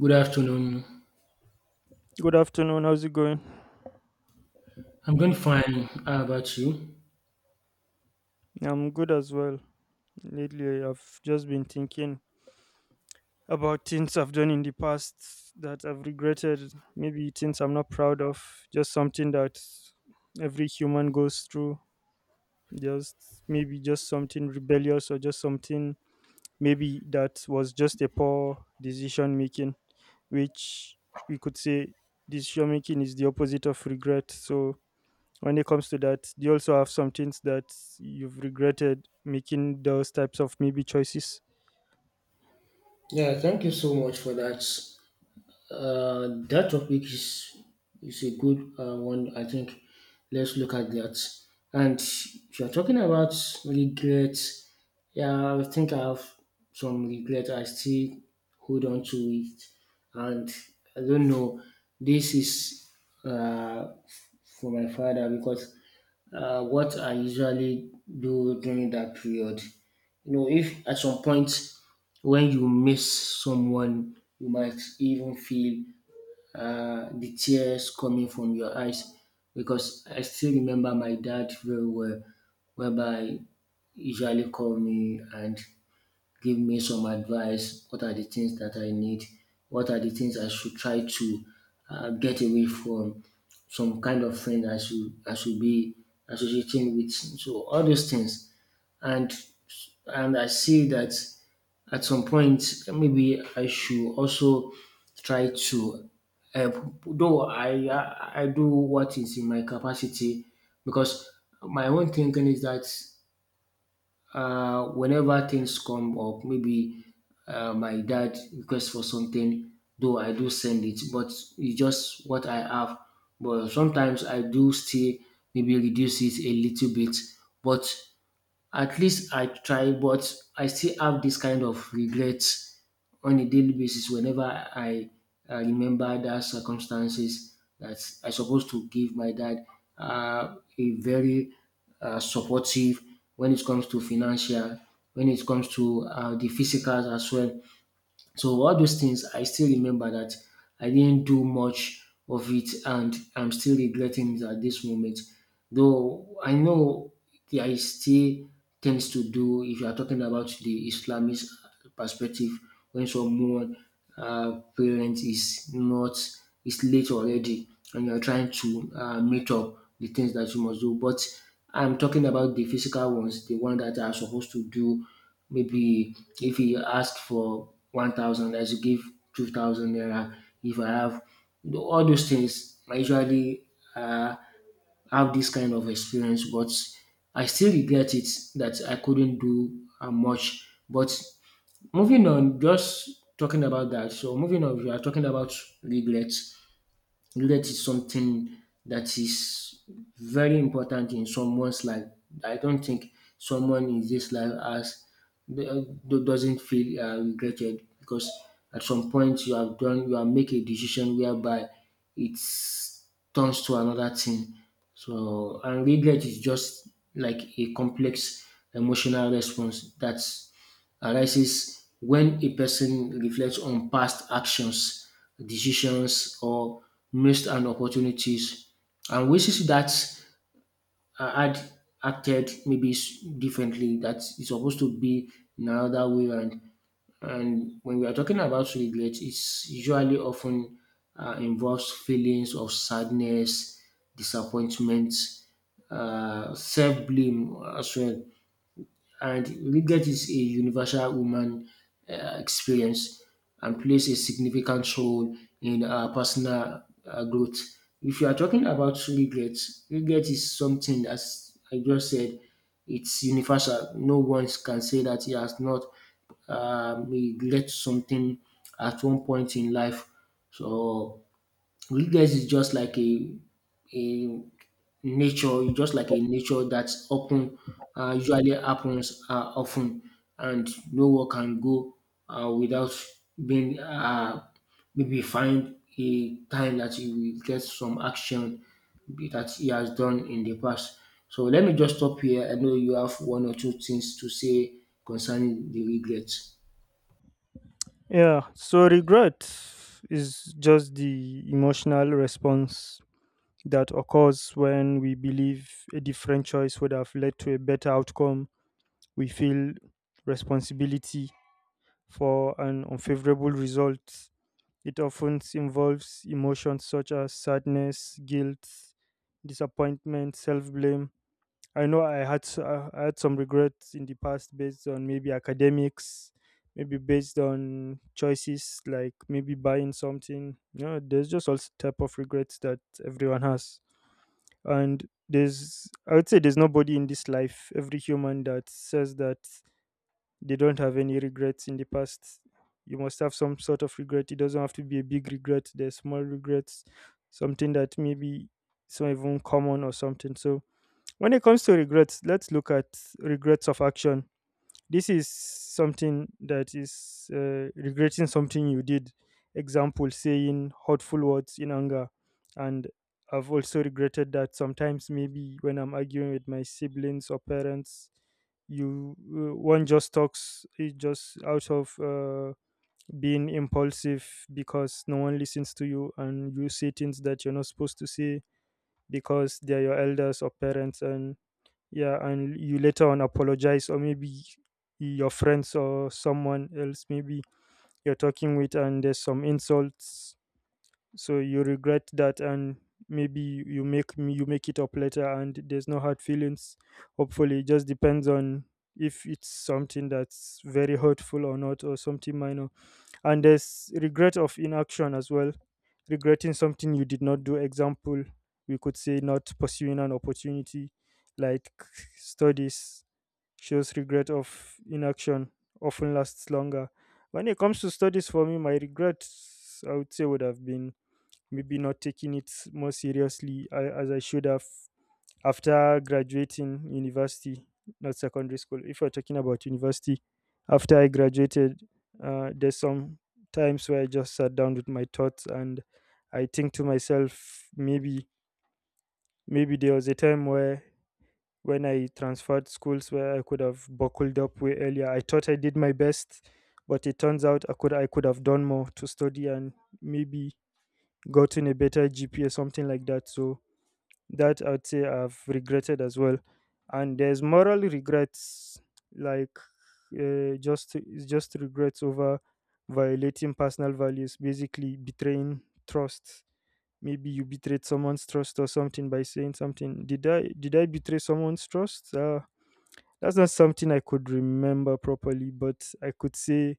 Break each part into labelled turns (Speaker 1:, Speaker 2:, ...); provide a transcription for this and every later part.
Speaker 1: Good afternoon.
Speaker 2: Good afternoon. How's it going?
Speaker 1: I'm doing fine. How about you?
Speaker 2: I'm good as well. Lately, I've just been thinking about things I've done in the past that I've regretted, maybe things I'm not proud of, just something that every human goes through. Just maybe just something rebellious or just something maybe that was just a poor decision making, which we could say decision making is the opposite of regret. So when it comes to that, do you also have some things that you've regretted making those types of maybe choices?
Speaker 1: Yeah, thank you so much for that. That topic is a good one. I think let's look at that. And if you're talking about regrets, yeah, I think I have some regret. I still hold on to it, and I don't know. This is uh, for my father because what I usually do during that period. You know, if at some point when you miss someone, you might even feel the tears coming from your eyes because I still remember my dad very well, whereby he usually call me and give me some advice. What are the things that I need? What are the things I should try to get away from? Some kind of friend I should be associating with. So all those things, and and I see that at some point, maybe I should also try to help, though I do what is in my capacity because my own thinking is that whenever things come up, maybe my dad requests for something, though I do send it, but it's just what I have. But sometimes I do still maybe reduce it a little bit, but at least I try, but I still have this kind of regrets on a daily basis whenever I remember that circumstances that I supposed to give my dad a very supportive when it comes to financial, when it comes to the physicals as well. So all those things, I still remember that I didn't do much of it, and I'm still regretting it at this moment. Though I know there is still things to do if you are talking about the Islamic perspective when someone parent is not is late already and you're trying to meet up the things that you must do. But I'm talking about the physical ones, the one that are supposed to do. Maybe if he asked for 1,000, I should give 2,000 naira. If I have all those things, I usually have this kind of experience, but I still regret it that I couldn't do much. But moving on, just talking about that. So, moving on, we are talking about regrets. Knowledge is something that is very important in someone's life. I don't think someone in this life doesn't feel regretted because at some point you have make a decision whereby it turns to another thing. So and regret is just like a complex emotional response that's arises when a person reflects on past actions, decisions, or missed an opportunities and wishes that had acted maybe differently, that it's supposed to be in another way. And when we are talking about regret, it's usually often involves feelings of sadness, disappointment, self blame as well and regret is a universal human experience and plays a significant role in our personal growth. If you are talking about regret, regret is something, as I just said, it's universal. No one can say that he has not regret something at one point in life. So you is just like a nature, you just like a nature that often usually happens often and no one can go without being maybe find a time that he will get some action that he has done in the past. So let me just stop here. I know you have one or two things to say concerning the regrets.
Speaker 2: Yeah, so regret is just the emotional response that occurs when we believe a different choice would have led to a better outcome. We feel responsibility for an unfavorable result. It often involves emotions such as sadness, guilt, disappointment, self-blame. I know I had s- I had some regrets in the past based on maybe academics, maybe based on choices like maybe buying something. You know, there's just all s- type of regrets that everyone has, and there's I would say there's nobody in this life, every human that says that they don't have any regrets in the past. You must have some sort of regret. It doesn't have to be a big regret. There's small regrets, something that maybe it's not even common or something. So when it comes to regrets, let's look at regrets of action. This is something that is regretting something you did. Example, saying hurtful words in anger. And I've also regretted that sometimes, maybe when I'm arguing with my siblings or parents, you one just talks, it just out of being impulsive because no one listens to you and you say things that you're not supposed to say because they're your elders or parents. And yeah, and you later on apologize, or maybe your friends or someone else maybe you're talking with and there's some insults, so you regret that. And maybe you make it up later and there's no hard feelings, hopefully. It just depends on if it's something that's very hurtful or not, or something minor. And there's regret of inaction as well, regretting something you did not do. Example, we could say not pursuing an opportunity like studies shows regret of inaction often lasts longer. When it comes to studies, for me, my regrets, I would say would have been maybe not taking it more seriously, I, as I should have, after graduating university, not secondary school. If we're talking about university, after I graduated, there's some times where I just sat down with my thoughts and I think to myself, maybe there was a time where when I transferred schools where I could have buckled up way earlier. I thought I did my best, but it turns out I could have done more to study and maybe gotten a better GPA, something like that. So that I'd say I've regretted as well. And there's moral regrets, like just it's just regrets over violating personal values, basically betraying trust. Maybe you betrayed someone's trust or something by saying something. Did I betray someone's trust? That's not something I could remember properly, but I could say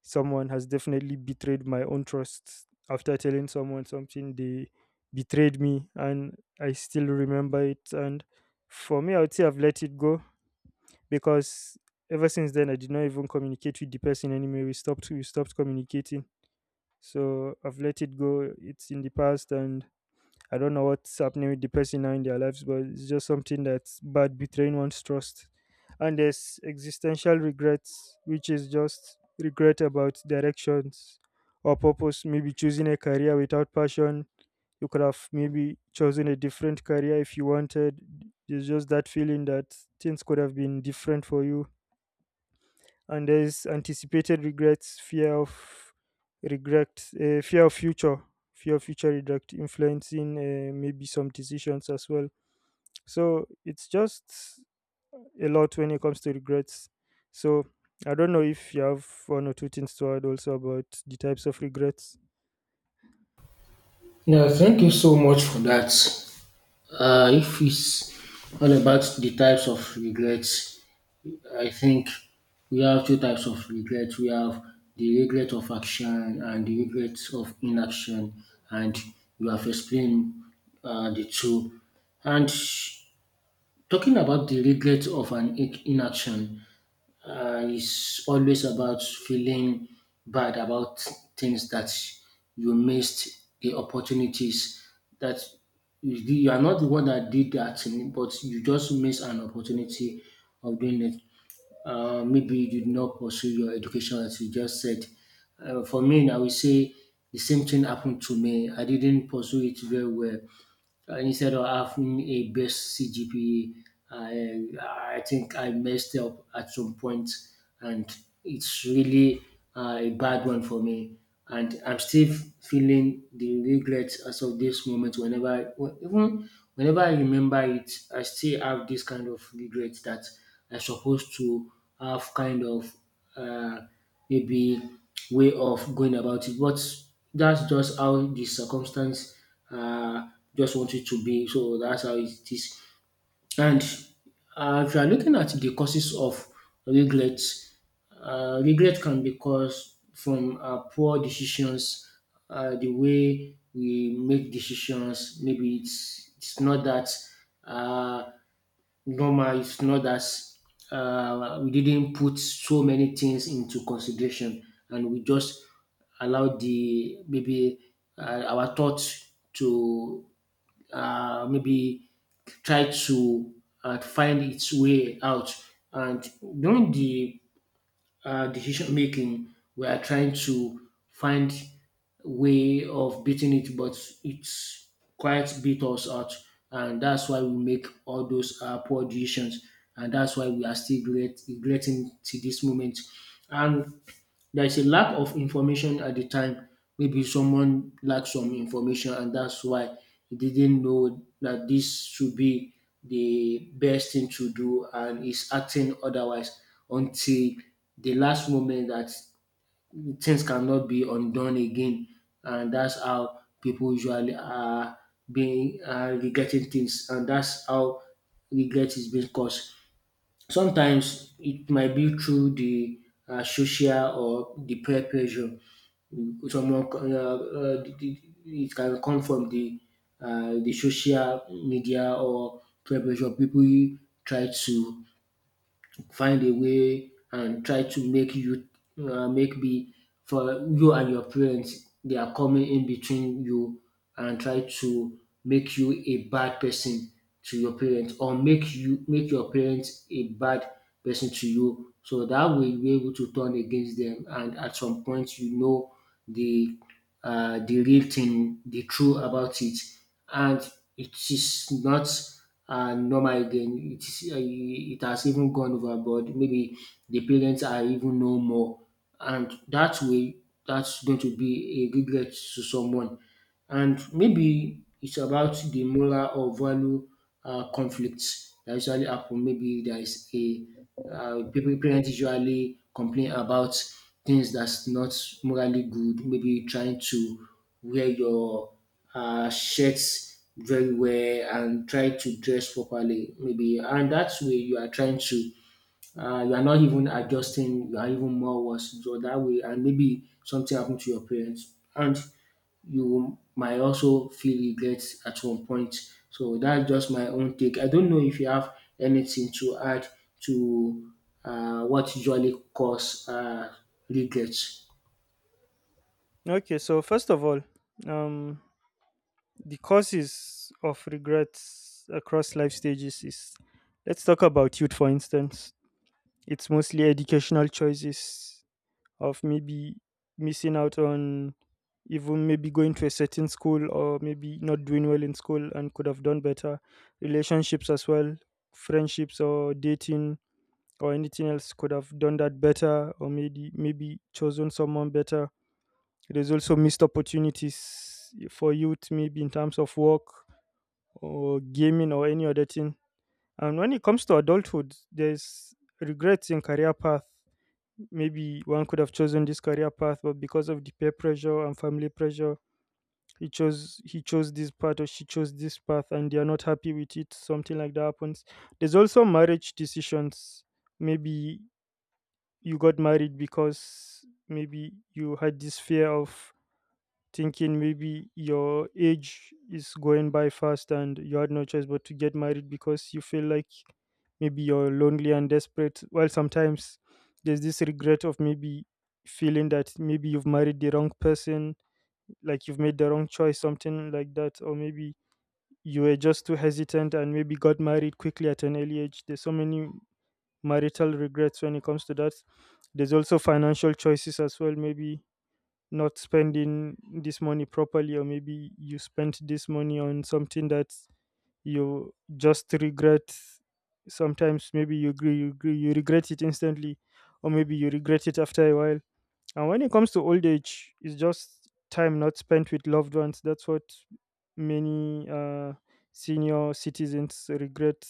Speaker 2: someone has definitely betrayed my own trust. After telling someone something, they betrayed me, and I still remember it. And for me, I would say I've let it go because ever since then, I did not even communicate with the person anymore. We stopped communicating, so I've let it go. It's in the past. And I don't know what's happening with the person now in their lives, but it's just something that's bad, betraying one's trust. And there's existential regrets, which is just regret about directions or purpose. Maybe choosing a career without passion. You could have maybe chosen a different career if you wanted. There's just that feeling that things could have been different for you. And there's anticipated regrets, regret uh, fear of future fear of future regret influencing maybe some decisions as well. So it's just a lot when it comes to regrets. So I don't know if you have one or two things to add also about the types of regrets.
Speaker 1: Yeah, thank you so much for that. If it's all about the types of regrets, I think we have two types of regrets. We have the regret of action and the regret of inaction, and we have explained the two. And talking about the regret of an inaction, is always about feeling bad about things that you missed the opportunities that you are not the one that did that thing, but you just missed an opportunity of doing it. Maybe you did not pursue your education as you just said. For me, I will say the same thing happened to me. I didn't pursue it very well instead of having a best CGPA, I, I think I messed up at some point, and it's really a bad one for me. And I'm still feeling the regret as of this moment. Even whenever I remember it, I still have this kind of regret that I'm supposed to have kind of uh, maybe way of going about it. But that's just how the circumstance uh, just want it to be. So that's how it is. And if you are looking at the causes of regret, regret can be caused from poor decisions, the way we make decisions. Maybe it's not that uh, normal. It's not that we didn't put so many things into consideration, and we just allow the maybe our thoughts to maybe try to find its way out. And during the decision making, we are trying to find way of beating it, but it's quite beat us out, and that's why we make all those poor decisions, and that's why we are still regretting to this moment. And there is a lack of information at the time. Maybe someone lacked some information, and that's why he didn't know that this should be the best thing to do, and is acting otherwise until the last moment that things cannot be undone again. And that's how people usually are being regretting things, and that's how regret is being caused. Sometimes it might be through the social or the peer pressure. Someone co- the- it can come from the social media or peer pressure. People try to find a way and try to make you make be for you and your parents, they are coming in between you and try to make you a bad person to your parents or make you make your parents a bad person to you, so that way you're able to turn against them and at some point you know the the real thing, the truth about it, and it is not normal again. It is it has even gone overboard. Maybe the parents are even no more, and that way that's going to be a regret to someone. And maybe it's about the moral or value conflicts that usually happen. Maybe there is a people parents usually complain about things that's not morally good. Maybe trying to wear your shirts very well and try to dress properly. Maybe and that's way you are trying to you are not even adjusting, you are even more worse. So that way, and maybe something happened to your parents. And you might also feel regret at one point. So that's just my own take. I don't know if you have anything to add to what usually cause regret.
Speaker 2: Okay, so first of all, um, the causes of regrets across life stages is, let's talk about youth, for instance. It's mostly educational choices of maybe missing out on even maybe going to a certain school or maybe not doing well in school and could have done better. Relationships as well, friendships or dating or anything else, could have done that better, or maybe chosen someone better. There's also missed opportunities for youth, maybe in terms of work or gaming or any other thing. And when it comes to adulthood, there's regrets in career path. Maybe one could have chosen this career path, but because of the peer pressure and family pressure, he chose this path, or she chose this path, and they are not happy with it, something like that happens. There's also marriage decisions. Maybe you got married because maybe you had this fear of thinking maybe your age is going by fast and you had no choice but to get married because you feel like maybe you're lonely and desperate. While sometimes there's this regret of maybe feeling that maybe you've married the wrong person, like you've made the wrong choice, something like that, or maybe you were just too hesitant and maybe got married quickly at an early age. There's so many marital regrets when it comes to that. There's also financial choices as well, maybe not spending this money properly, or maybe you spent this money on something that you just regret. Sometimes maybe you regret it instantly, or maybe you regret it after a while. And when it comes to old age, it's just time not spent with loved ones. That's what many senior citizens regret,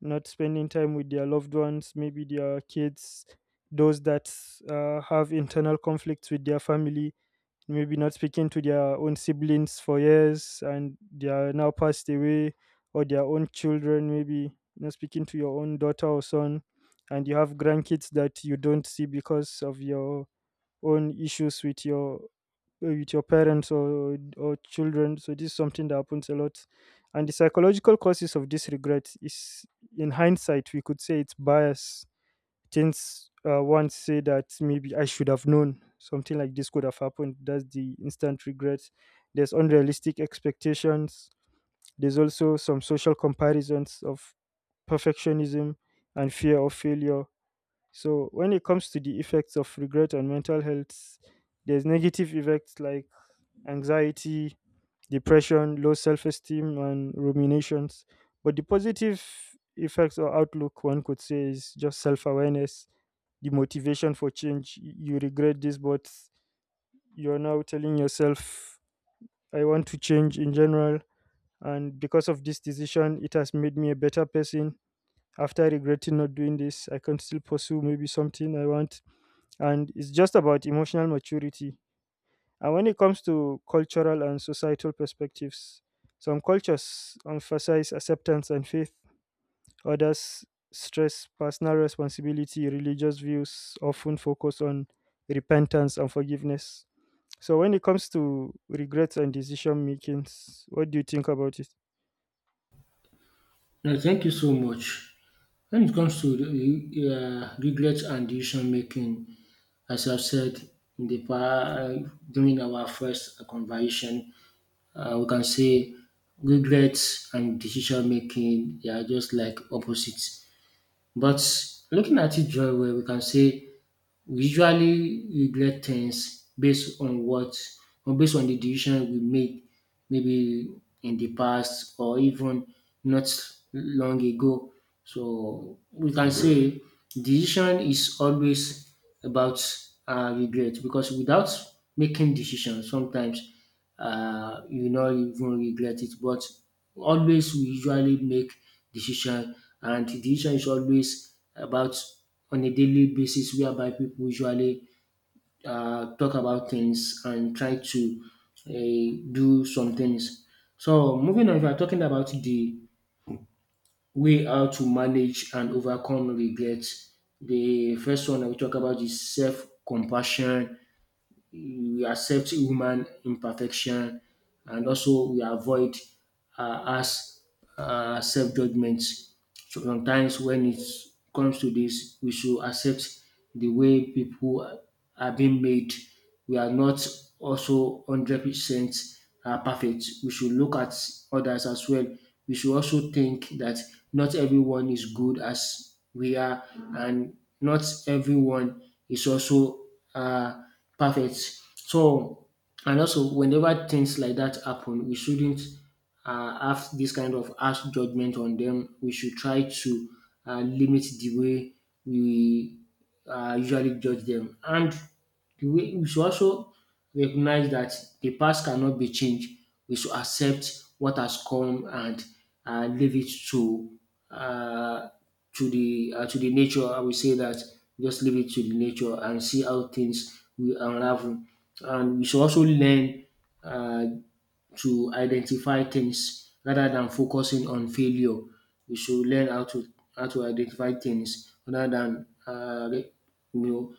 Speaker 2: not spending time with their loved ones, maybe their kids, those that have internal conflicts with their family, maybe not speaking to their own siblings for years and they are now passed away, or their own children, maybe not speaking to your own daughter or son, and you have grandkids that you don't see because of your own issues with your with your parents or children. So this is something that happens a lot. And the psychological causes of this regret is, in hindsight, we could say it's bias. Things once say that maybe I should have known something like this could have happened. That's the instant regret. There's unrealistic expectations. There's also some social comparisons of perfectionism and fear of failure. So when it comes to the effects of regret on mental health, there's negative effects like anxiety, depression, low self esteem, and ruminations. But the positive effects or outlook, one could say, is just self awareness, the motivation for change. You regret this, but you're now telling yourself, I want to change in general. And because of this decision, it has made me a better person. After regretting not doing this, I can still pursue maybe something I want. And it's just about emotional maturity. And when it comes to cultural and societal perspectives, some cultures emphasize acceptance and faith, others stress personal responsibility, religious views often focus on repentance and forgiveness. So when it comes to regrets and decision makings, what do you think about it?
Speaker 1: No, thank you so much. When it comes to regrets and decision making, as I've said in the pa- during our first conversation, we can say regrets and decision making they are just like opposites. But looking at it very well, we can say we usually regret things based on what or based on the decision we made maybe in the past or even not long ago. So we can say decision is always about regret because without making decisions sometimes you no even regret it. But always we usually make decision and the decision is always about on a daily basis whereby people usually talk about things and try to do some things. So moving on, if we're talking about the way how to manage and overcome regret. The first one I will talk about is self-compassion. We accept human imperfection and also we avoid harsh self judgement. So sometimes when it comes to this we should accept the way people are being made. We are not also 100% perfect. We should look at others as well. We should also think that not everyone is good as we are and not everyone is also um perfect. So, and also, whenever things like that happen, we shouldn't have this kind of harsh judgment on them. We should try to limit the way we usually judge them. And we should also recognize that the past cannot be changed. We should accept what has come and leave it to uh, to the nature. I will say that just leave it to the nature and see how things will unravel. And we should also learn uh, to identify things rather than focusing on failure. We should learn how to identify things rather than you know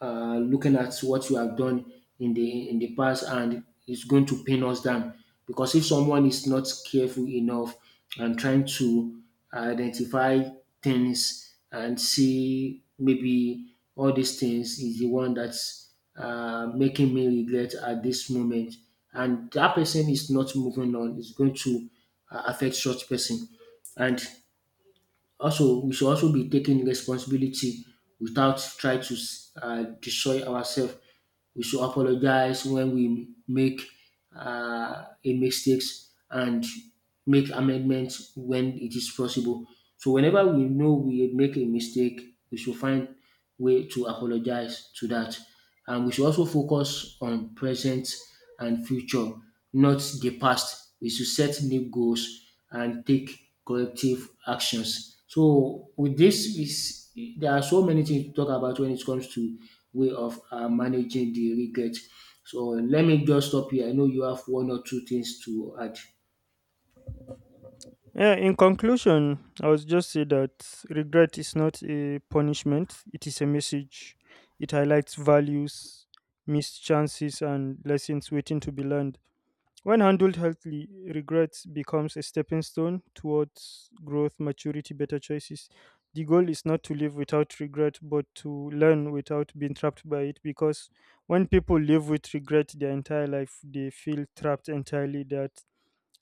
Speaker 1: looking at what you have done in the past and it's going to pin us down because if someone is not careful enough and trying to identify things and see maybe all these things is the one that's making me regret at this moment and that person is not moving on, it's going to affect such person. And also, we should also be taking responsibility without try to destroy ourselves. We should apologize when we make a mistakes and make amendments when it is possible. So whenever we know we make a mistake, we should find way to apologize to that. And we should also focus on present and future, not the past. We should set new goals and take collective actions. So with this is there are so many things to talk about when it comes to way of managing the regret. So let me just stop here. I know you have one or two things to add.
Speaker 2: Yeah, in conclusion, I would just say that regret is not a punishment, it is a message. It highlights values, missed chances, and lessons waiting to be learned. When handled healthily, regret becomes a stepping stone towards growth, maturity, better choices. The goal is not to live without regret, but to learn without being trapped by it. Because when people live with regret their entire life, they feel trapped entirely, that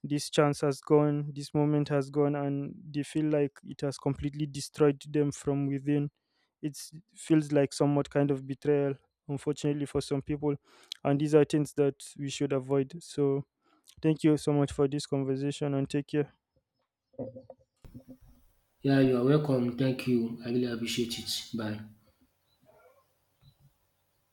Speaker 2: this chance has gone, this moment has gone, and they feel like it has completely destroyed them from within. It feels like somewhat kind of betrayal, unfortunately, for some people. And these are things that we should avoid. So, thank you so much for this conversation and take care.
Speaker 1: Yeah, you are welcome. Thank you. I really appreciate it. Bye.